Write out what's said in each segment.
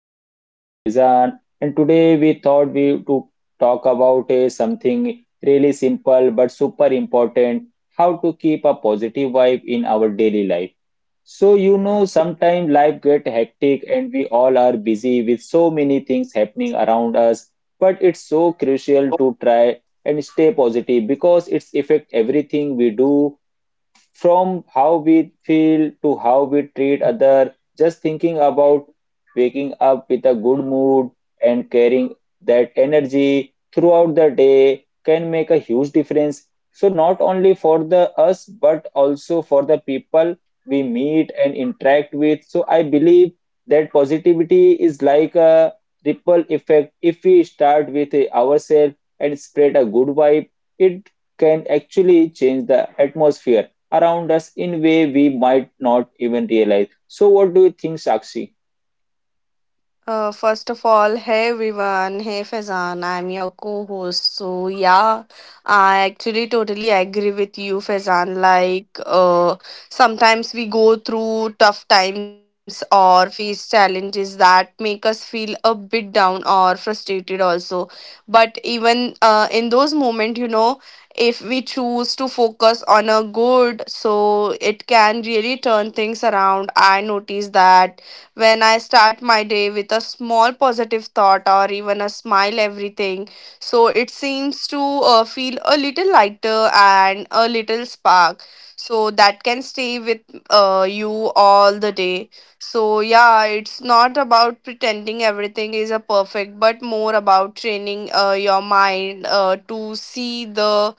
I'm your host Faizan, and today we thought we to talk about a something really simple but super important, how to keep a positive vibe in our daily life. So you know sometimes life get hectic and we all are busy with so many things happening around us, but it's so crucial to try and stay positive because it's affect everything we do from how we feel to how we treat other, just thinking about waking up with a good mood and carrying that energy throughout the day can make a huge difference. So not only for the us, but also for the people we meet and interact with. So I believe that positivity is like a ripple effect. If we start with ourselves and spread a good vibe, it can actually change the atmosphere around us in way we might not even realize. So what do you think, Sakshi? First of all, hey everyone, hey Faizan, I'm your co-host. So yeah, I actually totally agree with you, Faizan. Like, sometimes we go through tough times or face challenges that make us feel a bit down or frustrated also. But even in those moments, if we choose to focus on a good, so it can really turn things around. I notice that when I start my day with a small positive thought or even a smile, everything. So it seems to feel a little lighter and a little spark. So that can stay with you all the day. So yeah, it's not about pretending everything is a perfect, but more about training your mind to see the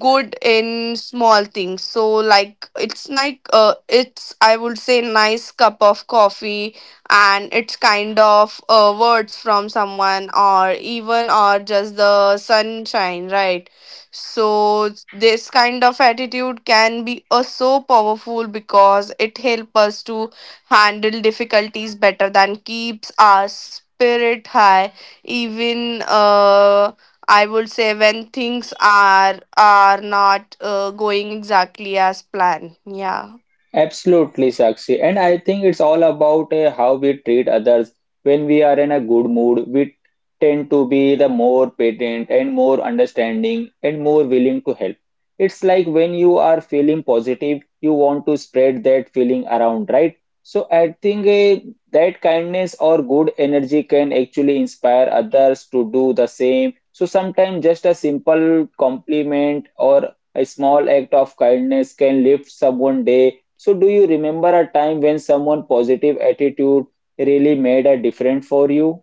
good in small things, so like it's like it's, I would say, nice cup of coffee, and it's kind of words from someone or even or just the sunshine, right? So this kind of attitude can be so powerful because it helps us to handle difficulties better than keeps our spirit high, even I would say when things are not going exactly as planned. Yeah. Absolutely, Sakshi. And I think it's all about how we treat others. When we are in a good mood, we tend to be the more patient and more understanding and more willing to help. It's like when you are feeling positive, you want to spread that feeling around, right? So I think that kindness or good energy can actually inspire others to do the same. So sometimes just a simple compliment or a small act of kindness can lift someone day so, do you remember a time when someone positive attitude really made a difference for you?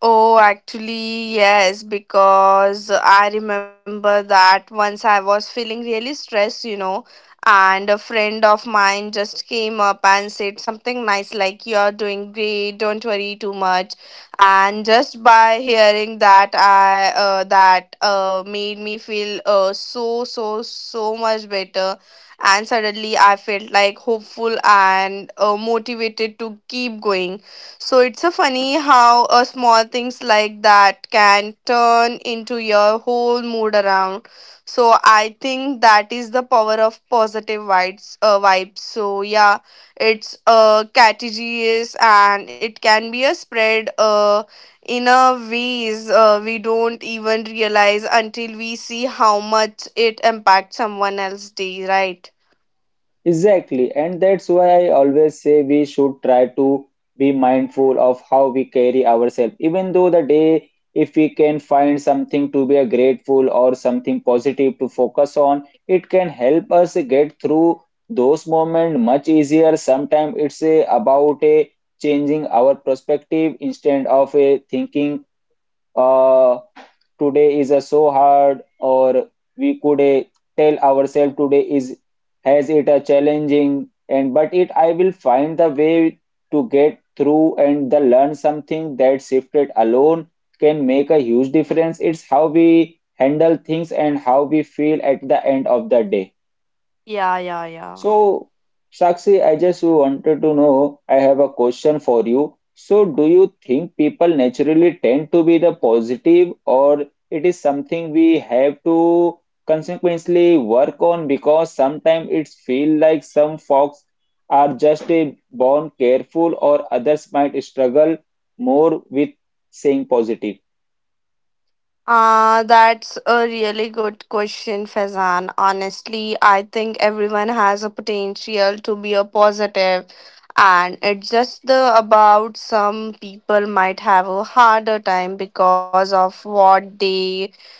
Oh, actually, yes, because I remember that once I was feeling really stressed, you know, and a friend of mine just came up and said something nice like, "You're doing great, don't worry too much." And just by hearing that, I that made me feel so much better. And suddenly I felt like hopeful and motivated to keep going. So it's a funny how a small things like that can turn into your whole mood around. So I think that is the power of positive vibes. Vibes. So yeah, it's contagious and it can be a spread in a ways we don't even realize until we see how much it impacts someone else's day. Right? Exactly, and that's why I always say we should try to be mindful of how we carry ourselves. Even though the day, if we can find something to be a grateful or something positive to focus on, it can help us get through those moments much easier. Sometimes it's a, about a changing our perspective instead of a thinking. Uh, Today is a so hard or we could tell ourselves today is has it a challenging and but it I will find the way to get through and the learn something that shifted alone can make a huge difference. It's how we handle things and how we feel at the end of the day. Yeah. Yeah. Yeah. So, Sakshi, I just wanted to know, I have a question for you. So, do you think people naturally tend to be the positive, or it is something we have to consequently work on because sometimes it feel like some folks are just a born careful or others might struggle more with saying positive. That's a really good question, Fazan. Honestly, I think everyone has a potential to be a positive, and it's just the about some people might have a harder time because of what they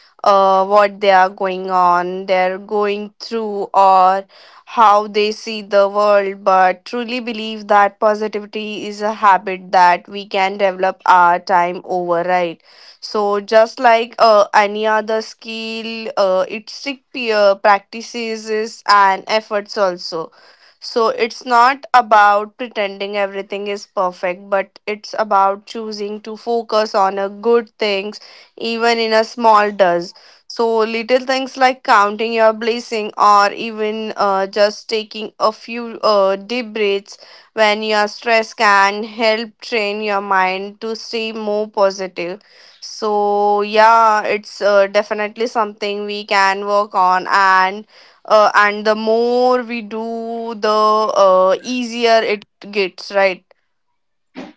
are going on, they're going through, or how they see the world, but truly believe that positivity is a habit that we can develop our time over, right? So just like any other skill, it's peer practices and efforts also. So it's not about pretending everything is perfect, but it's about choosing to focus on a good things, even in a small does. So little things like counting your blessing or even just taking a few deep breaths when you are stressed can help train your mind to stay more positive. So yeah, it's definitely something we can work on, and the more we do, the easier it gets, right?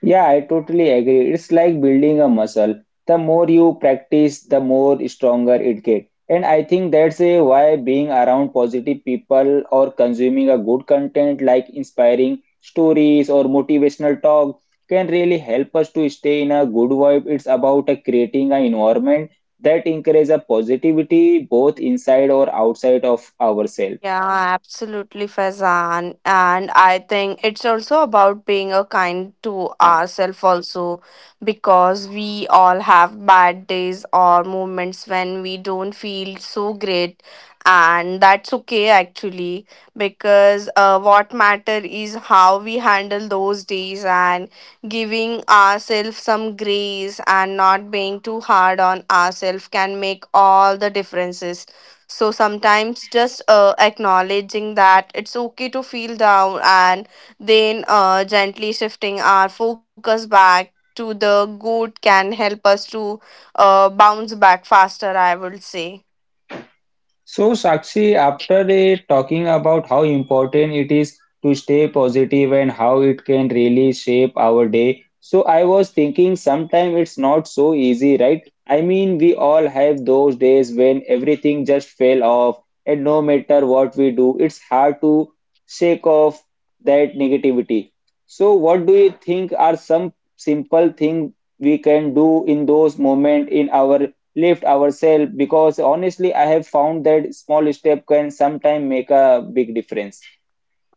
Yeah, I totally agree. It's like building a muscle. The more you practice, the more stronger it gets. And I think that's a why being around positive people or consuming a good content like inspiring stories or motivational talk can really help us to stay in a good vibe. It's about creating an environment that encourages a positivity both inside or outside of ourselves. Yeah, absolutely, Faizan. And I think it's also about being a kind to ourselves also, because we all have bad days or moments when we don't feel so great. And that's okay actually, because what matter is how we handle those days, and giving ourselves some grace and not being too hard on ourselves can make all the differences. So sometimes just acknowledging that it's okay to feel down, and then gently shifting our focus back to the good can help us to bounce back faster, I would say. So, Sakshi, after the talking about how important it is to stay positive and how it can really shape our day, so I was thinking sometimes it's not so easy, right? I mean, we all have those days when everything just fell off, and no matter what we do, it's hard to shake off that negativity. So, what do you think are some simple things we can do in those moments in our lift ourselves because honestly I have found that small step can sometimes make a big difference?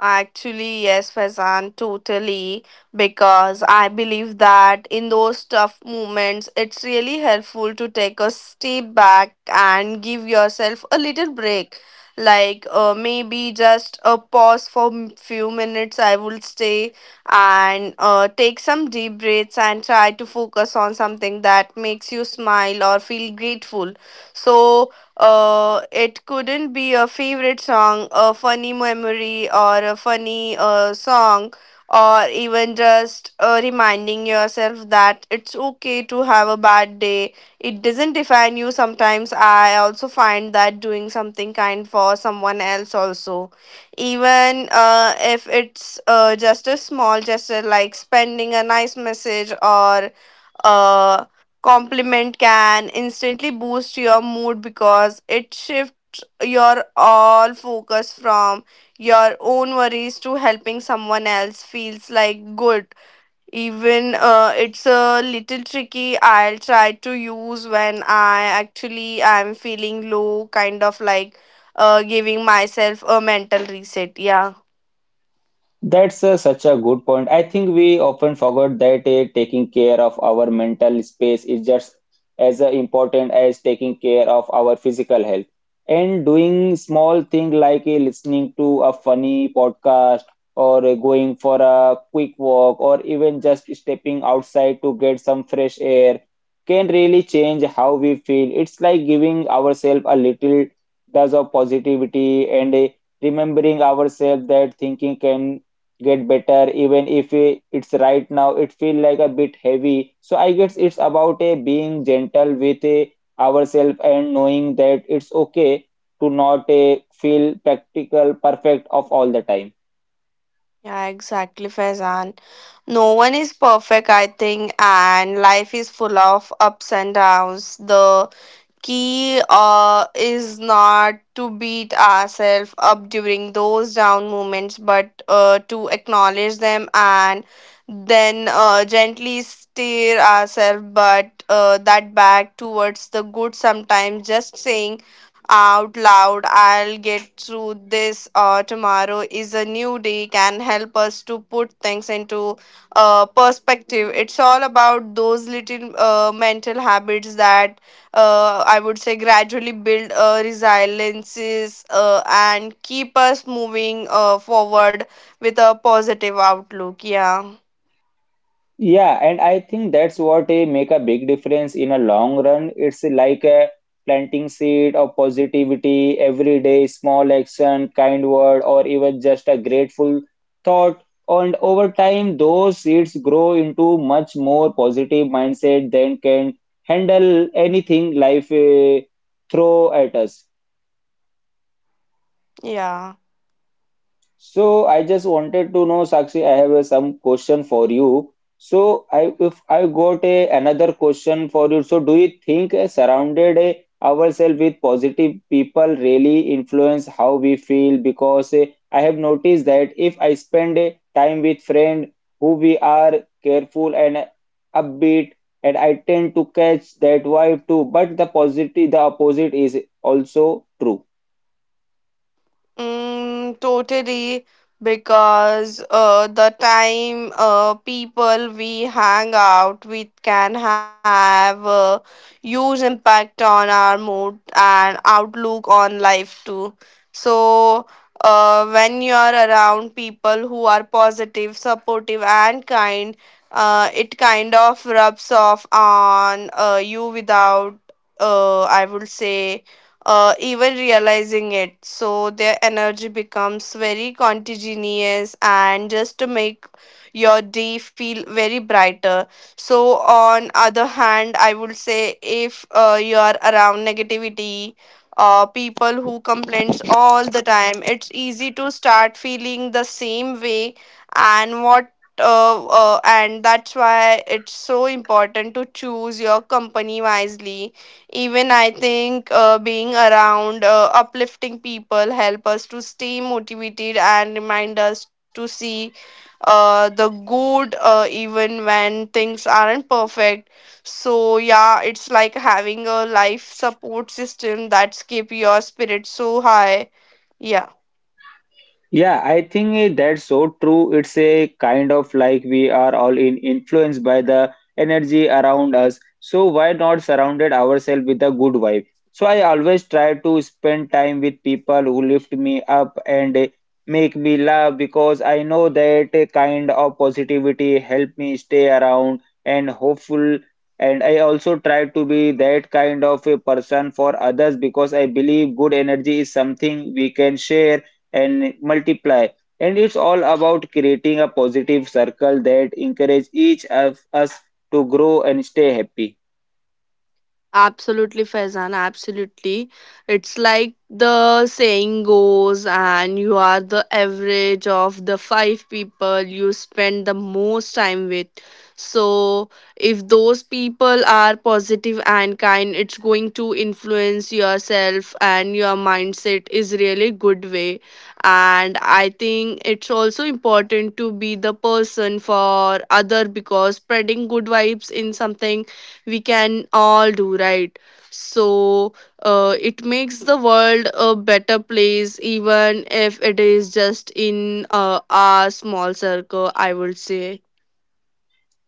Actually, yes, Faizan, totally. Because I believe that in those tough moments, it's really helpful to take a step back and give yourself a little break. Like maybe just a pause for few minutes, I would stay, and take some deep breaths and try to focus on something that makes you smile or feel grateful. So it couldn't be a favorite song, a funny memory, or a funny song, or even just reminding yourself that it's okay to have a bad day. It doesn't define you. Sometimes I also find that doing something kind for someone else, also, even if it's just a small gesture like spending a nice message or uh, compliment can instantly boost your mood because it shifts your all focus from your own worries to helping someone else feels like good, even it's a little tricky. I'll try to use when I'm feeling low, kind of like giving myself a mental reset. Yeah. That's such a good point. I think we often forget that taking care of our mental space is just as important as taking care of our physical health. And doing small things like listening to a funny podcast or going for a quick walk or even just stepping outside to get some fresh air can really change how we feel. It's like giving ourselves a little dose of positivity and a remembering ourselves that thinking can get better even if I- it's right now it feel like a bit heavy. So I guess it's about a being gentle with a ourselves and knowing that it's okay to not a feel practical perfect of all the time. Yeah, exactly, Faizan. No one is perfect, I think, and life is full of ups and downs. The key is not to beat ourselves up during those down moments, but to acknowledge them, and then gently steer ourselves but that back towards the good. Sometimes just saying out loud, "I'll get through this, tomorrow is a new day," can help us to put things into perspective. It's all about those little mental habits that I would say gradually build resiliences and keep us moving forward with a positive outlook. Yeah, Yeah, and I think that's what make a big difference in a long run. It's like a planting seed of positivity every day, small action, kind word, or even just a grateful thought. And over time, those seeds grow into much more positive mindset than can handle anything life throw at us. yeah. So I just wanted to know, Sakshi, I have some question for you. So I if I got a, another question for you. So do you think surrounded ourselves with positive people really influence how we feel? Because I have noticed that if I spend time with friend who we are careful and upbeat, and I tend to catch that vibe too. But the positive, the opposite is also true. Mm, totally, because the time people we hang out with can have a huge impact on our mood and outlook on life too. So, when you are around people who are positive, supportive, and kind, it kind of rubs off on you without, I would say even realizing it. So their energy becomes very contagious and just to make your day feel very brighter. So on other hand, I would say if you are around negativity, people who complains all the time, it's easy to start feeling the same way, and what and that's why it's so important to choose your company wisely. Even I think being around uplifting people help us to stay motivated and remind us to see the good even when things aren't perfect. So yeah, it's like having a life support system that's keep your spirit so high. Yeah. Yeah, I think that's so true. It's a kind of like we are all in influenced by the energy around us. So why not surrounded ourselves with a good vibe? So I always try to spend time with people who lift me up and make me laugh because I know that a kind of positivity help me stay around and hopeful. And I also try to be that kind of a person for others because I believe good energy is something we can share and multiply. And it's all about creating a positive circle that encourages each of us to grow and stay happy. Absolutely, Faizan. Absolutely. It's like the saying goes, and you are the average of the 5 people you spend the most time with. So, if those people are positive and kind, it's going to influence yourself and your mindset is really good way. And I think it's also important to be the person for other, because spreading good vibes in something we can all do, right? So it makes the world a better place, even if it is just in our small circle, I would say.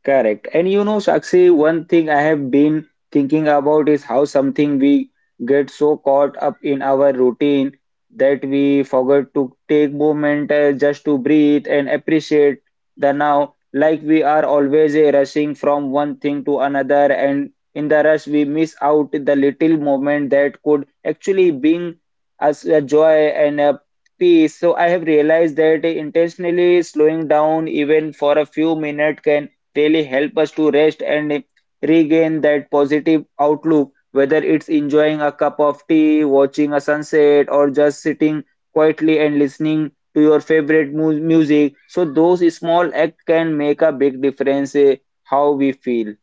Correct. And you know, Sakshi, one thing I have been thinking about is how something we get so caught up in our routine that we forget to take moment just to breathe and appreciate the now. Like we are always rushing from one thing to another, and in the rush, we miss out the little moment that could actually bring us a joy and a peace. So I have realized that intentionally slowing down even for a few minutes can really help us to rest and regain that positive outlook, whether it's enjoying a cup of tea, watching a sunset, or just sitting quietly and listening to your favorite music. So those small acts can make a big difference how we feel.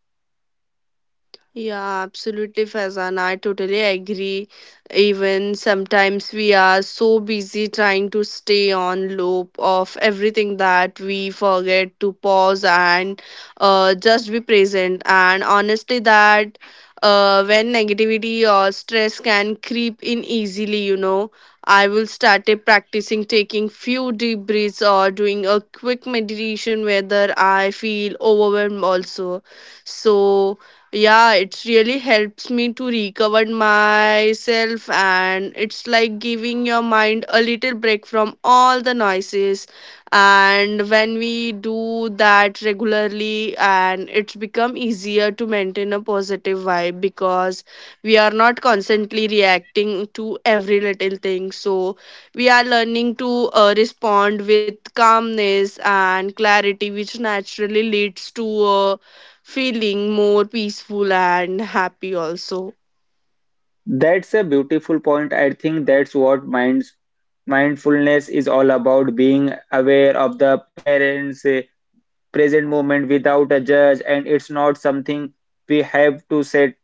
Yeah, absolutely, Faizan. I totally agree. Even sometimes we are so busy trying to stay on loop of everything that we forget to pause and just be present. And honestly, that when negativity or stress can creep in easily, you know, I will started practicing taking few deep breaths or doing a quick meditation whether I feel overwhelmed also. So yeah, it really helps me to recover myself, and it's like giving your mind a little break from all the noises. And when we do that regularly, and it's become easier to maintain a positive vibe, because we are not constantly reacting to every little thing. So we are learning to respond with calmness and clarity, which naturally leads to a feeling more peaceful and happy also. That's a beautiful point. I think that's what minds mindfulness is all about being aware of the parents present moment without a judge, and it's not something we have to set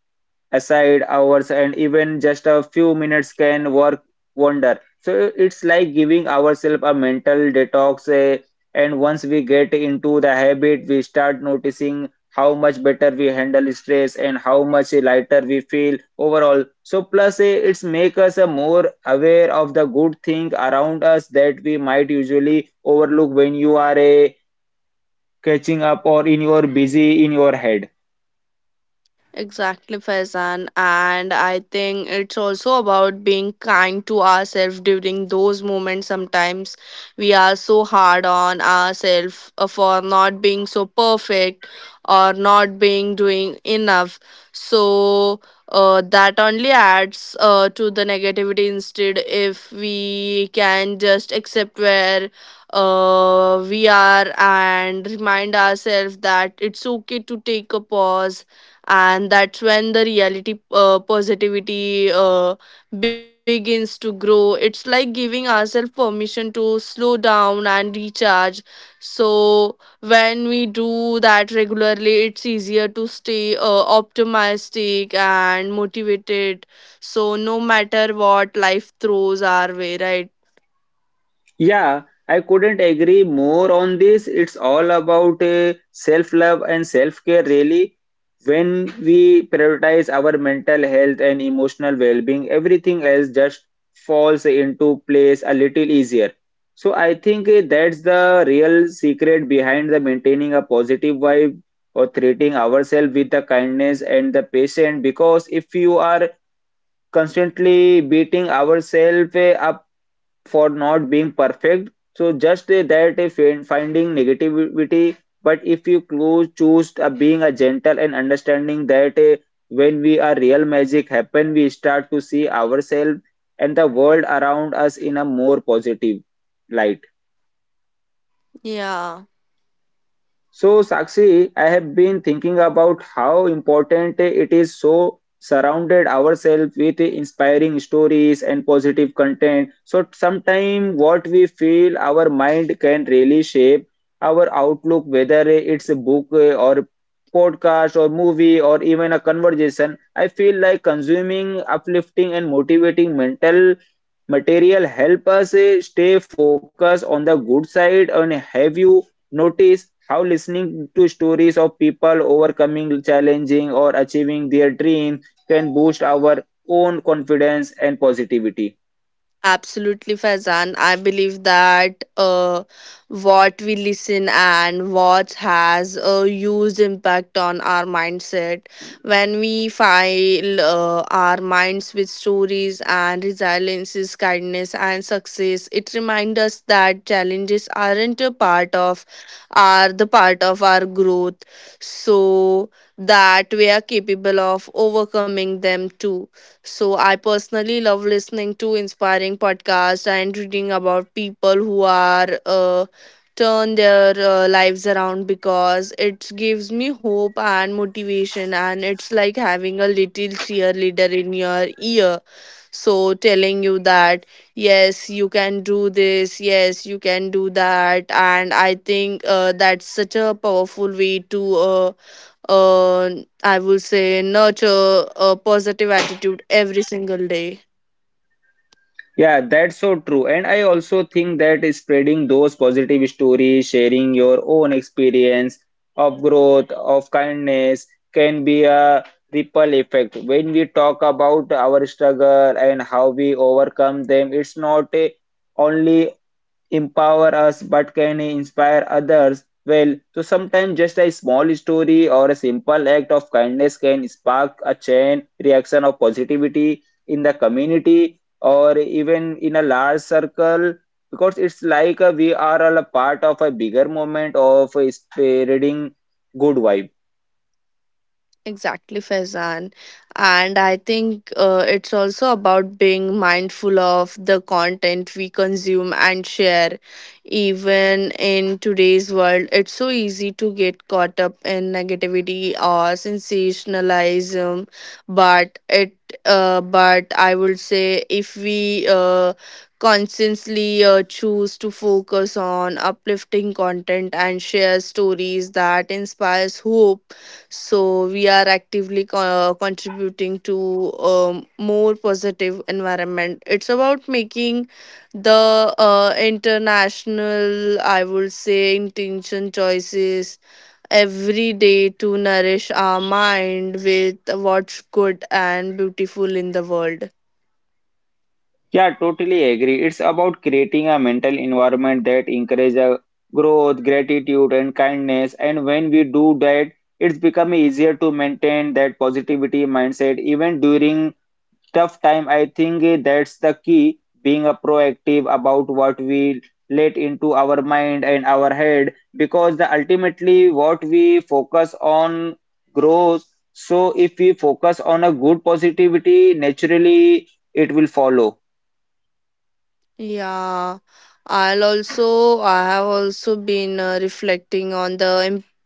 aside hours, and even just a few minutes can work wonder. So it's like giving ourselves a mental detox, and once we get into the habit we start noticing how much better we handle stress and how much lighter we feel overall. So plus it's make us a more aware of the good thing around us that we might usually overlook when you are catching up or in your busy in your head. Exactly, Faizan. And I think it's also about being kind to ourselves during those moments. Sometimes we are so hard on ourselves for not being so perfect or not being doing enough. So that only adds to the negativity. Instead, if we can just accept where we are and remind ourselves that it's okay to take a pause, and that's when the reality positivity begins to grow. It's like giving ourselves permission to slow down and recharge. So when we do that regularly, it's easier to stay optimistic and motivated, so no matter what life throws our way, right? Yeah, I couldn't agree more on this. It's all about self-love and self-care, really. When we prioritize our mental health and emotional well-being, everything else just falls into place a little easier. So I think that's the real secret behind the maintaining a positive vibe or treating ourselves with the kindness and the patience. Because if you are constantly beating ourselves up for not being perfect, so just that finding negativity, but if you close, choose being a gentle and understanding that when we are real magic happen we start to see ourselves and the world around us in a more positive light. Yeah. So, Sakshi, I have been thinking about how important it is so surrounded ourselves with inspiring stories and positive content. So, sometimes what we feel, our mind can really shape our outlook, whether it's a book or podcast or movie or even a conversation. I feel like consuming uplifting and motivating mental material help us stay focused on the good side. And have you noticed how listening to stories of people overcoming challenging or achieving their dreams can boost our own confidence and positivity? Absolutely, Faizan. I believe that what we listen and watch has a huge impact on our mindset. When we file our minds with stories and resiliences, kindness, and success, it reminds us that challenges aren't a part of, are the part of our growth. So that we are capable of overcoming them too. So I personally love listening to inspiring podcasts and reading about people who are turn their lives around, because it gives me hope and motivation, and it's like having a little cheerleader in your ear, so telling you that, yes, you can do this, yes, you can do that. And I think that's such a powerful way to, I would say, nurture a positive attitude every single day. Yeah, that's so true. And I also think that spreading those positive stories, sharing your own experience of growth, of kindness, can be a ripple effect. When we talk about our struggle and how we overcome them, it's not a, only empower us but can inspire others. Well, so sometimes just a small story or a simple act of kindness can spark a chain reaction of positivity in the community or even in a large circle because it's like we are all a part of a bigger movement of spreading good vibe. Exactly, Faizan. And I think it's also about being mindful of the content we consume and share. Even in today's world, it's so easy to get caught up in negativity or sensationalism. But it, but I would say if we consciously choose to focus on uplifting content and share stories that inspires hope, so we are actively contributing to more positive environment. It's about making the international, I would say, intention choices every day to nourish our mind with what's good and beautiful in the world. Yeah, totally agree. It's about creating a mental environment that encourages growth, gratitude, and kindness. And when we do that, it's become easier to maintain that positivity mindset even during tough time. I think that's the key, being a proactive about what we let into our mind and our head, because the ultimately what we focus on grows. So if we focus on a good positivity, naturally it will follow. Yeah, I have also been reflecting on the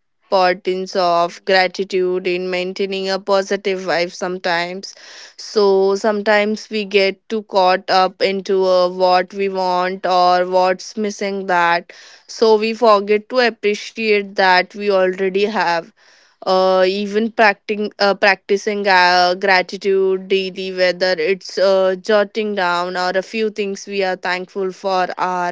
importance of gratitude in maintaining a positive vibe sometimes, so sometimes we get too caught up into what we want or what's missing, that so we forget to appreciate that we already have. Even practicing gratitude daily, whether it's jotting down or a few things we are thankful for, or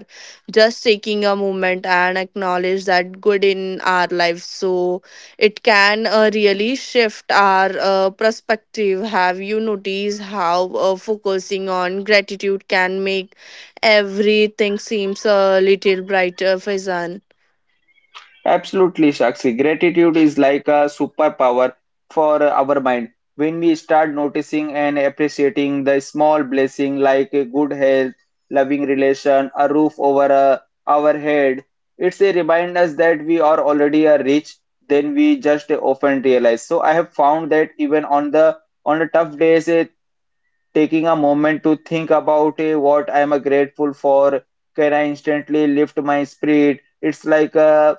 just taking a moment and acknowledge that good in our life, so it can really shift our perspective. Have you noticed how focusing on gratitude can make everything seems a little brighter, Faizan? Absolutely, Sakshi. Gratitude is like a superpower for our mind. When we start noticing and appreciating the small blessing like a good health, loving relation, a roof over our head, it's a remind us that we are already a rich than we just often realize. So I have found that even on the tough days, taking a moment to think about what I am grateful for can I instantly lift my spirit. It's like a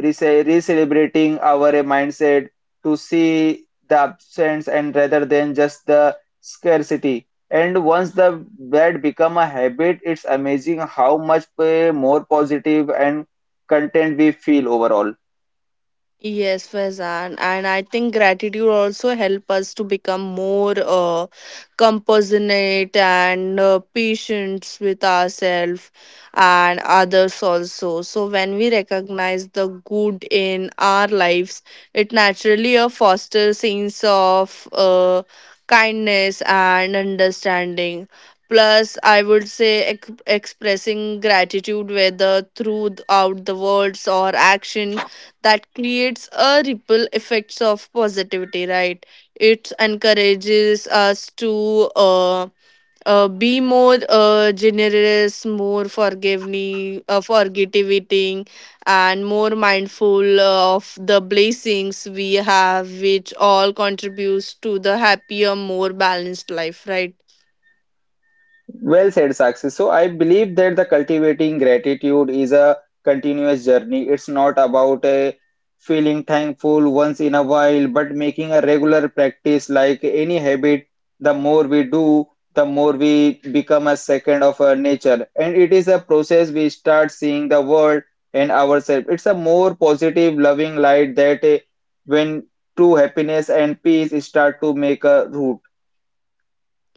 recalibrating our mindset to see the absence and rather than just the scarcity and once the that become a habit it's amazing how much more positive and content we feel overall. Yes, Faizan, and I think gratitude also help us to become more compassionate and patient with ourselves and others also. So when we recognize the good in our lives, it naturally fosters sense of kindness and understanding. Plus, I would say expressing gratitude, whether throughout the words or action, that creates a ripple effects of positivity, right? It encourages us to be more generous, more forgiving, and more mindful of the blessings we have, which all contributes to the happier more balanced life, right? Well said, Sakshi. So I believe that the cultivating gratitude is a continuous journey. It's not about a feeling thankful once in a while, but making a regular practice like any habit. The more we do, the more we become a second of our nature. And it is a process we start seeing the world and ourselves. It's a more positive, loving light that when true happiness and peace start to make a root.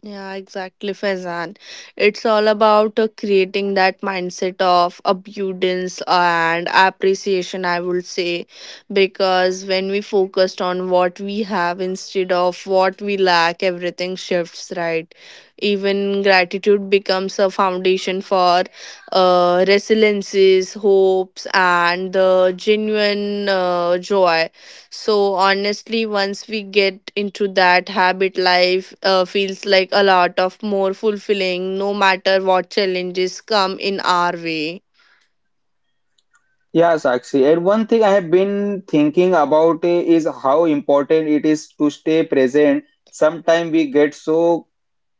Yeah, exactly, Faizan. It's all about creating that mindset of abundance and appreciation, I would say, because when we focused on what we have instead of what we lack, everything shifts, right? Even gratitude becomes a foundation for resiliences, hopes, and the genuine joy. So honestly, once we get into that habit, life feels like a lot of more fulfilling, no matter what challenges come in our way. Yeah, Sakshi. And one thing I have been thinking about is how important it is to stay present. Sometimes we get so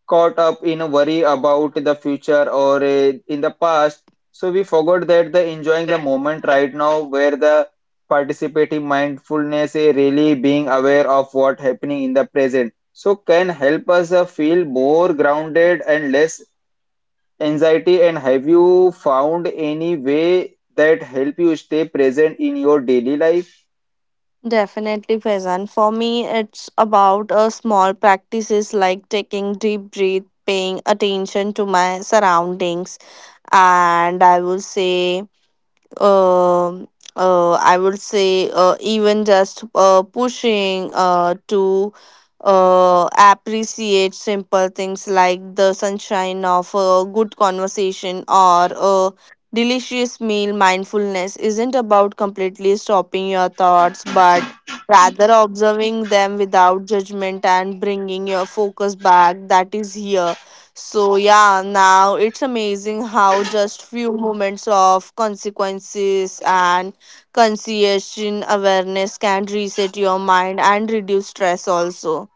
caught up in a worry about the future or in the past, so we forgot that the enjoying the moment right now, where the participating mindfulness is really being aware of what happening in the present. So can help us feel more grounded and less anxiety. And have you found any way that help you stay present in your daily life? Definitely present. For me, it's about a small practices like taking deep breath, paying attention to my surroundings, and I will say um I would say even just pushing to appreciate simple things like the sunshine of a good conversation or a delicious meal. Mindfulness isn't about completely stopping your thoughts, but rather observing them without judgment and bringing your focus back that is here. So yeah, now it's amazing how just few moments of consequences and conciliation awareness can reset your mind and reduce stress also.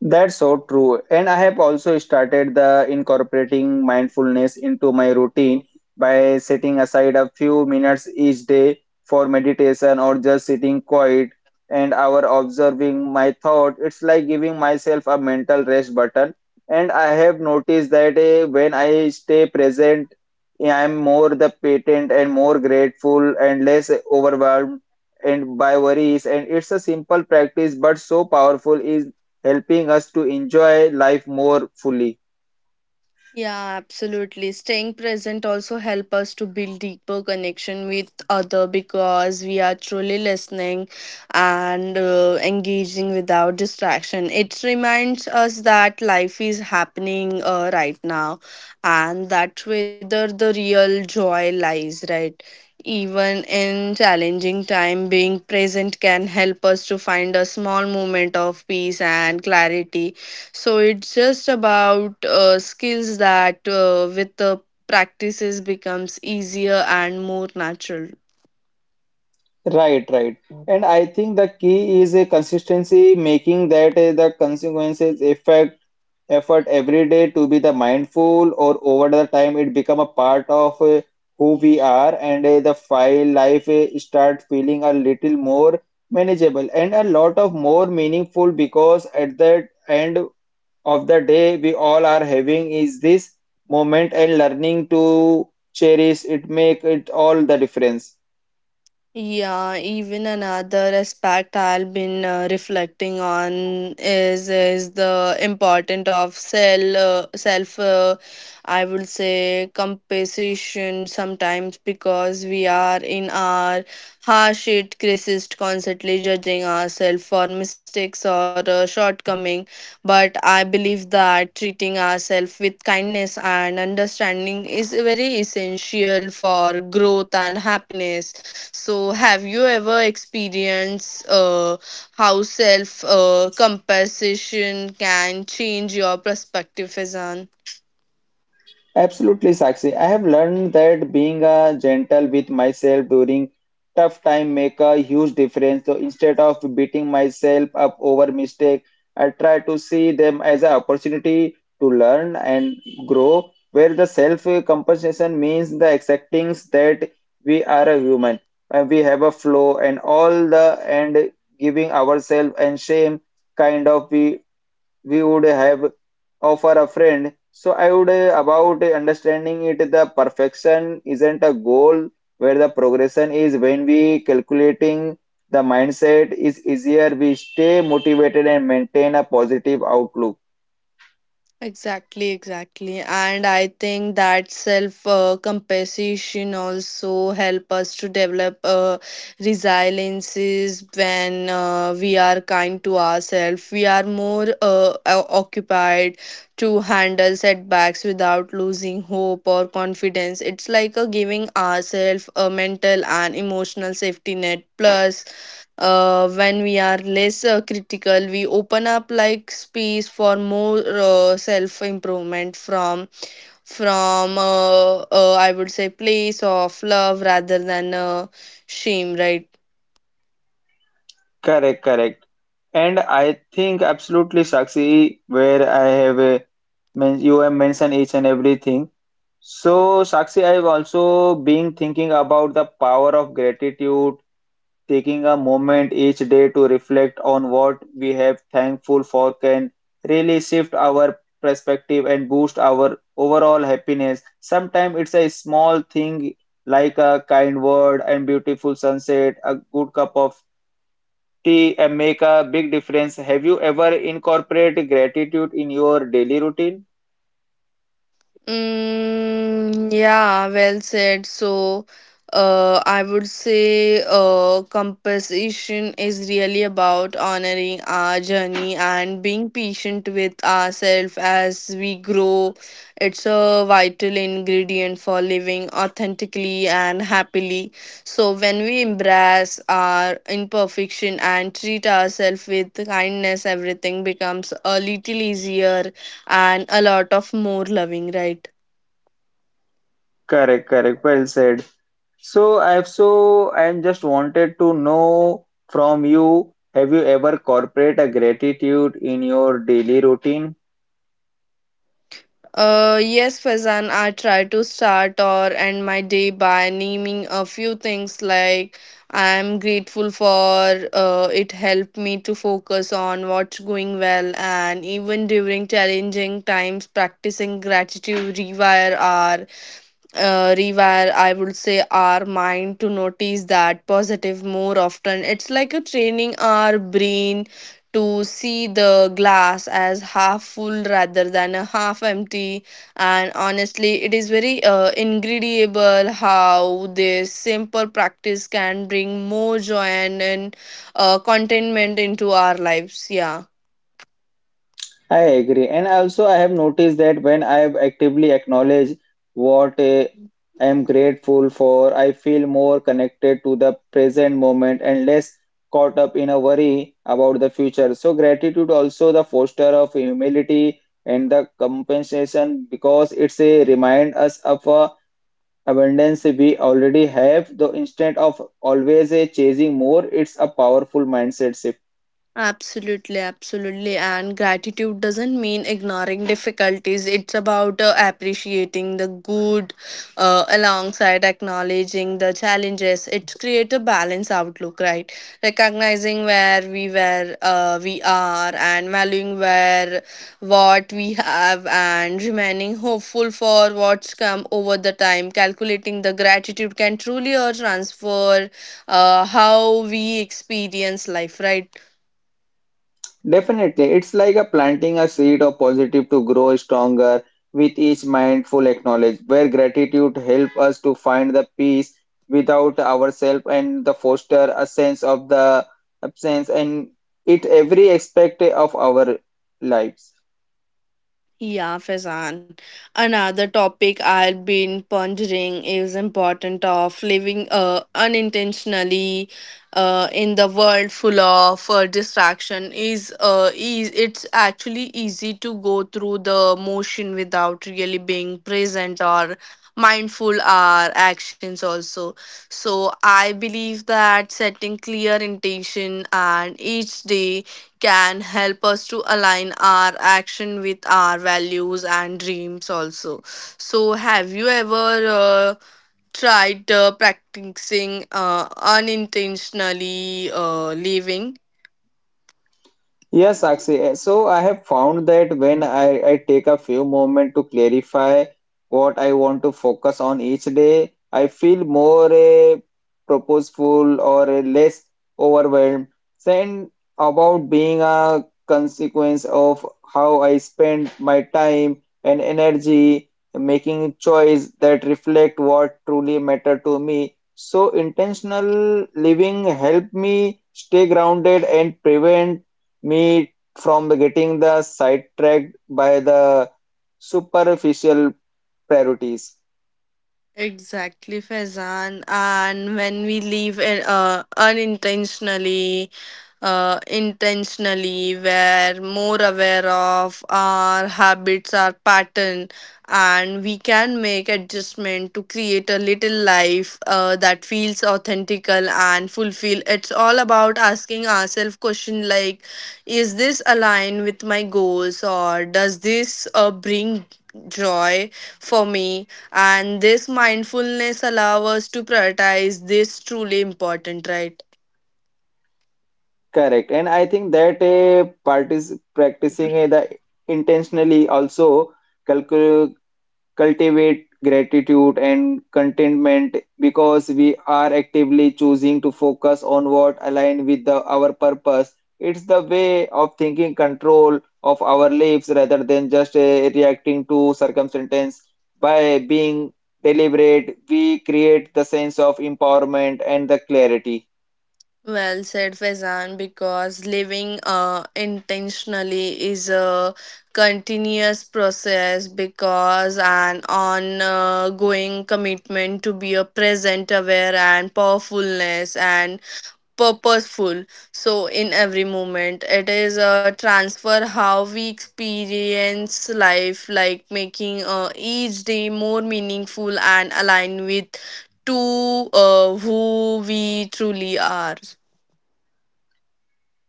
That's so true. And I have also started the incorporating mindfulness into my routine by setting aside a few minutes each day for meditation or just sitting quiet and hour observing my thought. It's like giving myself a mental rest button. And I have noticed that when I stay present, I'm more the patient and more grateful and less overwhelmed and by worries. And it's a simple practice, but so powerful is helping us to enjoy life more fully. Yeah, absolutely. Staying present also help us to build deeper connection with other, because we are truly listening and engaging without distraction. It reminds us that life is happening right now and that whether the real joy lies, right? Even in challenging time, being present can help us to find a small moment of peace and clarity. So it's just about skills that with the practices becomes easier and more natural. Right, right. And I think the key is a consistency, making that the consequences effect effort every day to be the mindful or over the time it become a part of who we are and the file life start feeling a little more manageable and a lot of more meaningful because at that end of the day we all are having is this moment and learning to cherish it make it all the difference. Yeah, even another aspect I've been reflecting on is the importance of self I would say compassion sometimes, because we are in our harsh it criticist constantly judging ourselves for mistakes or shortcoming. But I believe that treating ourselves with kindness and understanding is very essential for growth and happiness. So, have you ever experienced how self compassion can change your perspective, Fazan? Absolutely, Sakshi. I have learned that being gentle with myself during tough time make a huge difference. So instead of beating myself up over mistake, I try to see them as an opportunity to learn and grow, where the self-compensation means the accepting that we are a human and we have a flaw and all the and giving ourselves and shame kind of we would have for a friend. So I would about understanding it the perfection isn't a goal where the progression is when we calculating the mindset is easier we stay motivated and maintain a positive outlook. Exactly, exactly. And I think that self compassion also help us to develop resiliences. When we are kind to ourselves, we are more occupied to handle setbacks without losing hope or confidence. It's like a giving ourselves a mental and emotional safety net. Plus when we are less critical, we open up like space for more self improvement from I would say place of love rather than shame, right? Correct, correct. And I think absolutely Sakshi where I have a you have mentioned each and everything. So, Sakshi, I've also been thinking about the power of gratitude. Taking a moment each day to reflect on what we have thankful for can really shift our perspective and boost our overall happiness. Sometimes it's a small thing like a kind word and beautiful sunset, a good cup of tea and make a big difference. Have you ever incorporated gratitude in your daily routine? Mm, yeah, well said. So, I would say compassion is really about honoring our journey and being patient with ourselves as we grow. It's a vital ingredient for living authentically and happily. So, when we embrace our imperfection and treat ourselves with kindness, everything becomes a little easier and a lot of more loving, right? Correct, correct. Well said. So I'm just wanted to know from you, have you ever incorporate a gratitude in your daily routine? Yes, Fazan, I try to start or end my day by naming a few things like I'm grateful for. It helped me to focus on what's going well, and even during challenging times practicing gratitude rewire our rewire I would say our mind to notice that positive more often. It's like a training our brain to see the glass as half full rather than a half empty. And honestly, it is very incredible how this simple practice can bring more joy and, contentment into our lives, yeah. I agree. And also I have noticed that when I actively acknowledge what I am grateful for, I feel more connected to the present moment and less caught up in a worry about the future. So gratitude also the foster of humility and the compensation because it's a remind us of a abundance we already have, though instead of always chasing more, it's a powerful mindset shift. Absolutely, absolutely. And gratitude doesn't mean ignoring difficulties. It's about appreciating the good alongside acknowledging the challenges. It's create a balanced outlook, right? Recognizing where we were, we are, and valuing where what we have, and remaining hopeful for what's come over the time. Calculating the gratitude can truly transfer how we experience life, right? Definitely, it's like a planting a seed of positive to grow stronger with each mindful acknowledge, where gratitude helps us to find the peace without ourselves and the foster a sense of the absence and it every aspect of our lives. Yeah, Faizan. Another topic I've been pondering is important of living unintentionally in the world full of distraction. Is it's actually easy to go through the motion without really being present or mindful our actions also. So I believe that setting clear intention and each day can help us to align our action with our values and dreams also. So have you ever tried practicing unintentionally living? Yes, Sakshi. So I have found that when I take a few moments to clarify what I want to focus on each day, I feel more purposeful or less overwhelmed. Then about being a consequence of how I spend my time and energy, making choice that reflect what truly matter to me. So intentional living help me stay grounded and prevent me from the getting the sidetracked by the superficial priorities. Exactly, Faizan. And when we leave it, unintentionally, intentionally, we're more aware of our habits, our pattern, and we can make adjustment to create a little life that feels authentical and fulfill. It's all about asking ourselves question like is this align with my goals or does this bring joy for me? And this mindfulness allow us to prioritize this truly important, right? Correct. And I think that partic practicing the intentionally also calcul cultivate gratitude and contentment because we are actively choosing to focus on what aligns with the, our purpose. It's the way of thinking control of our lives rather than just reacting to circumstance. By being deliberate, we create the sense of empowerment and the clarity. Well said, Faizan, because living intentionally is a continuous process because an ongoing commitment to be a present, aware, and powerfulness and purposeful. So in every moment it is a transfer how we experience life, like making each day more meaningful and align with to who we truly are.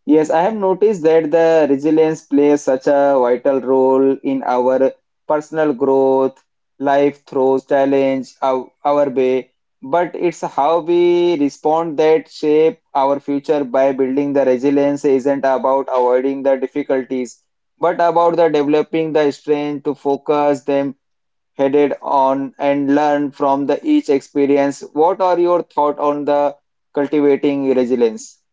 Yes, I have noticed that the resilience plays such a vital role in our personal growth. Life throws challenge our way, but it's how we respond that shape our future by building the resilience isn't about avoiding the difficulties, but about the developing the strength to focus them headed on and learn from the each experience. What are your thought on the cultivating resilience?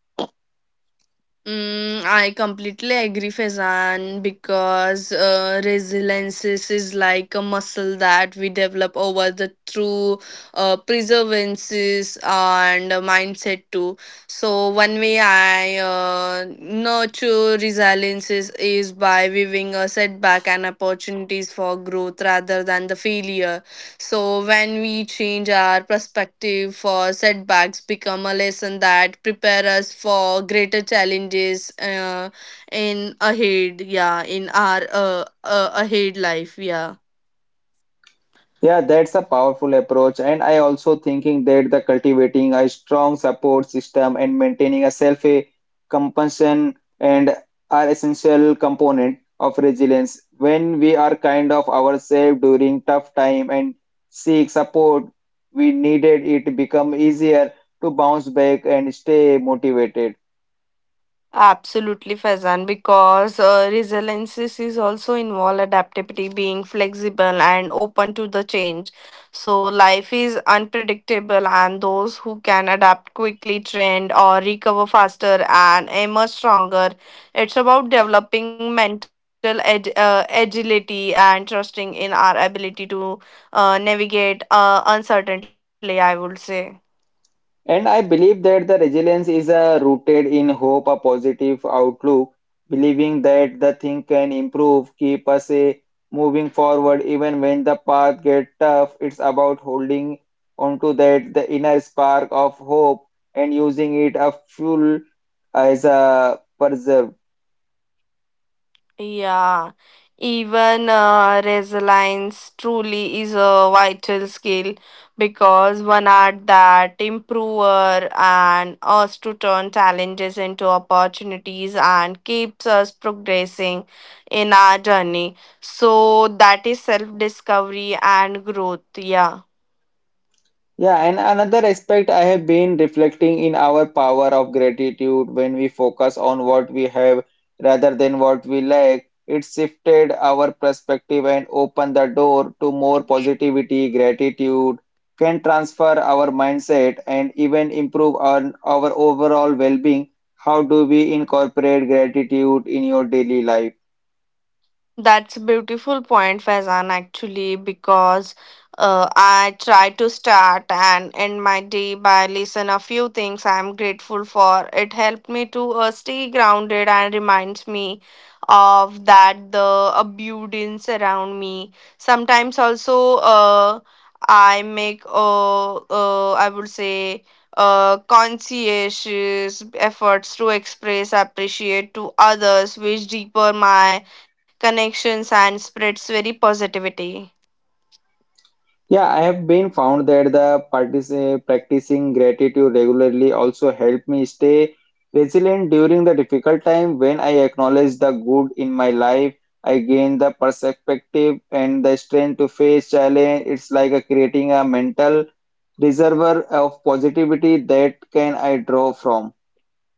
Mm, I completely agree, Faizan, because resilience is like a muscle that we develop over the through perseverances and mindset too. So one way I nurture resilience is by viewing a setback and opportunities for growth rather than the failure. So when we change our perspective for setbacks become a lesson that prepare us for greater challenges in ahead, yeah, in our ahead life, yeah. Yeah, that's a powerful approach, and I also thinking that the cultivating a strong support system and maintaining a self compassion and are essential component of resilience. When we are kind of ourselves during tough time and seek support, we needed it become easier to bounce back and stay motivated. Absolutely, Faizan, because resilience is also involve adaptability, being flexible and open to the change. So life is unpredictable, and those who can adapt quickly, trend or recover faster and emerge stronger. It's about developing mental agility and trusting in our ability to navigate uncertainty, I would say. And I believe that the resilience is rooted in hope, a positive outlook, believing that the thing can improve, keep us moving forward even when the path gets tough. It's about holding onto that the inner spark of hope and using it a fuel as a preserve. Yeah, even resilience truly is a vital skill because one art that improver and us to turn challenges into opportunities and keeps us progressing in our journey. So that is self discovery and growth. Yeah. Yeah, and another aspect I have been reflecting in our power of gratitude when we focus on what we have rather than what we lack. It shifted our perspective and opened the door to more positivity. Gratitude can transfer our mindset and even improve our overall well-being. How do we incorporate gratitude in your daily life? That's a beautiful point, Faizan, actually, because I try to start and end my day by listen a few things I'm grateful for. It helped me to stay grounded and reminds me of that the abundance around me. Sometimes also I make I would say conscientious efforts to express appreciate to others, which deeper my connections and spreads very positivity. Yeah, I have been found that the practicing gratitude regularly also helped me stay resilient during the difficult time. When I acknowledge the good in my life, I gain the perspective and the strength to face challenge. It's like a creating a mental reservoir of positivity that can I draw from.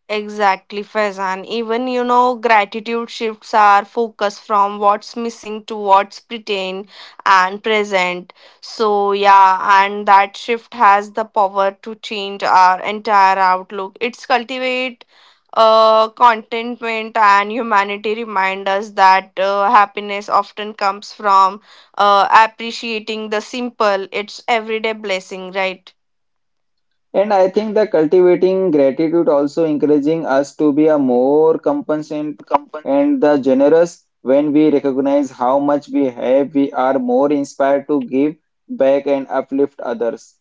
Exactly, Faizan. Even you know, gratitude shifts our focus from what's missing to what's pretend and present. So, yeah, and that shift has the power to change our entire outlook. It's cultivate contentment and humanity remind us that happiness often comes from appreciating the simple, it's everyday blessing, right? And I think the cultivating gratitude also encouraging us to be a more compassionate and the generous when we recognize how much we have, we are more inspired to give back and uplift others.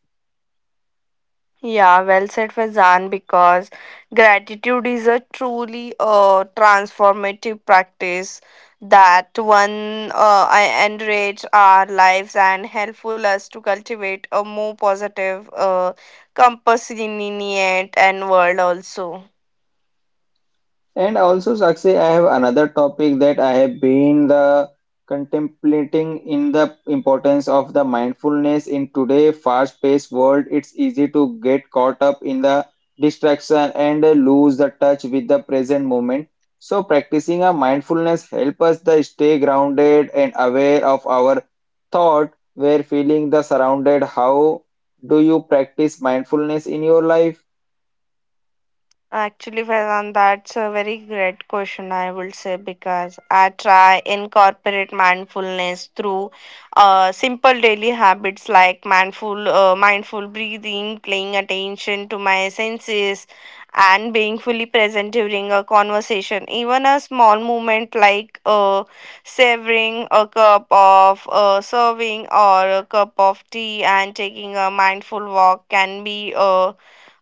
Yeah, well said, Fazan, because gratitude is a truly transformative practice that one enrich our lives and helpful us to cultivate a more positive, compassionate and world also. And also, Sakshi, I have another topic that I have been the contemplating in the importance of the mindfulness in today fast-paced world. It's easy to get caught up in the distraction and lose the touch with the present moment. So practicing a mindfulness help us the stay grounded and aware of our thought, where feeling the surrounded. How do you practice mindfulness in your life? Actually, Vedant, that's a very great question, I would say, because I try incorporate mindfulness through simple daily habits like mindful breathing, paying attention to my senses, and being fully present during a conversation. Even a small movement like savoring a cup of serving or a cup of tea and taking a mindful walk can be. Uh,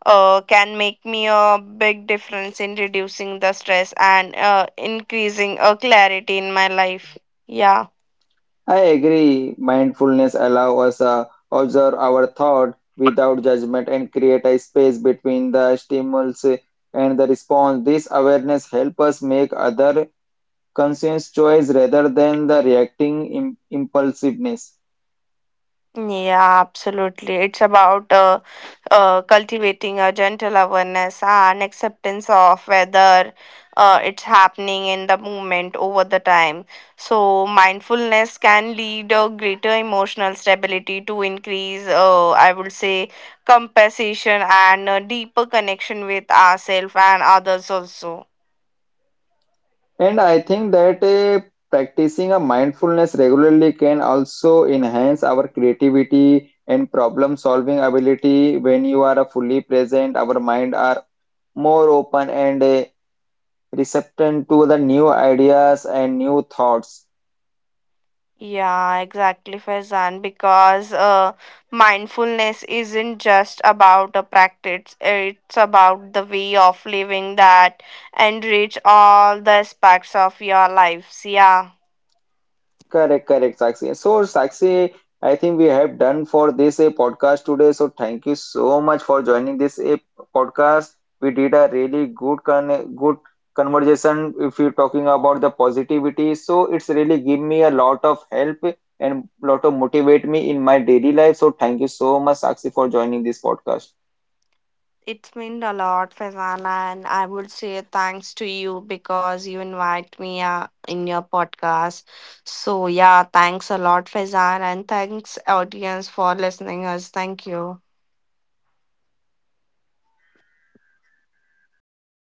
uh, Can make me a big difference in reducing the stress and increasing a clarity in my life, yeah. I agree. Mindfulness allows us to observe our thought without judgment and create a space between the stimulus and the response. This awareness helps us make other conscious choice rather than the reacting impulsiveness. Yeah, absolutely. It's about cultivating a gentle awareness and acceptance of whether it's happening in the moment over the time. So, mindfulness can lead a greater emotional stability to increase, I would say, compassion and a deeper connection with ourselves and others also. And I think that practicing a mindfulness regularly can also enhance our creativity and problem solving ability. When you are fully present, our mind are more open and receptive to the new ideas and new thoughts. Yeah, exactly, Faizan. Because mindfulness isn't just about a practice, it's about the way of living that enrich all the aspects of your lives. Yeah, Correct, correct, Sakshi. So, Sakshi, I think we have done for this a podcast today. So, thank you so much for joining this a podcast. We did a really good conversation if you're talking about the positivity. So, it's really give me a lot of help and lot of motivate me in my daily life. So, thank you so much, Sakshi, for joining this podcast. it's meant a lot, Faizan. And I would say thanks to you because you invite me in your podcast. So, yeah, thanks a lot, Faizan. And thanks, audience, for listening us. Thank you.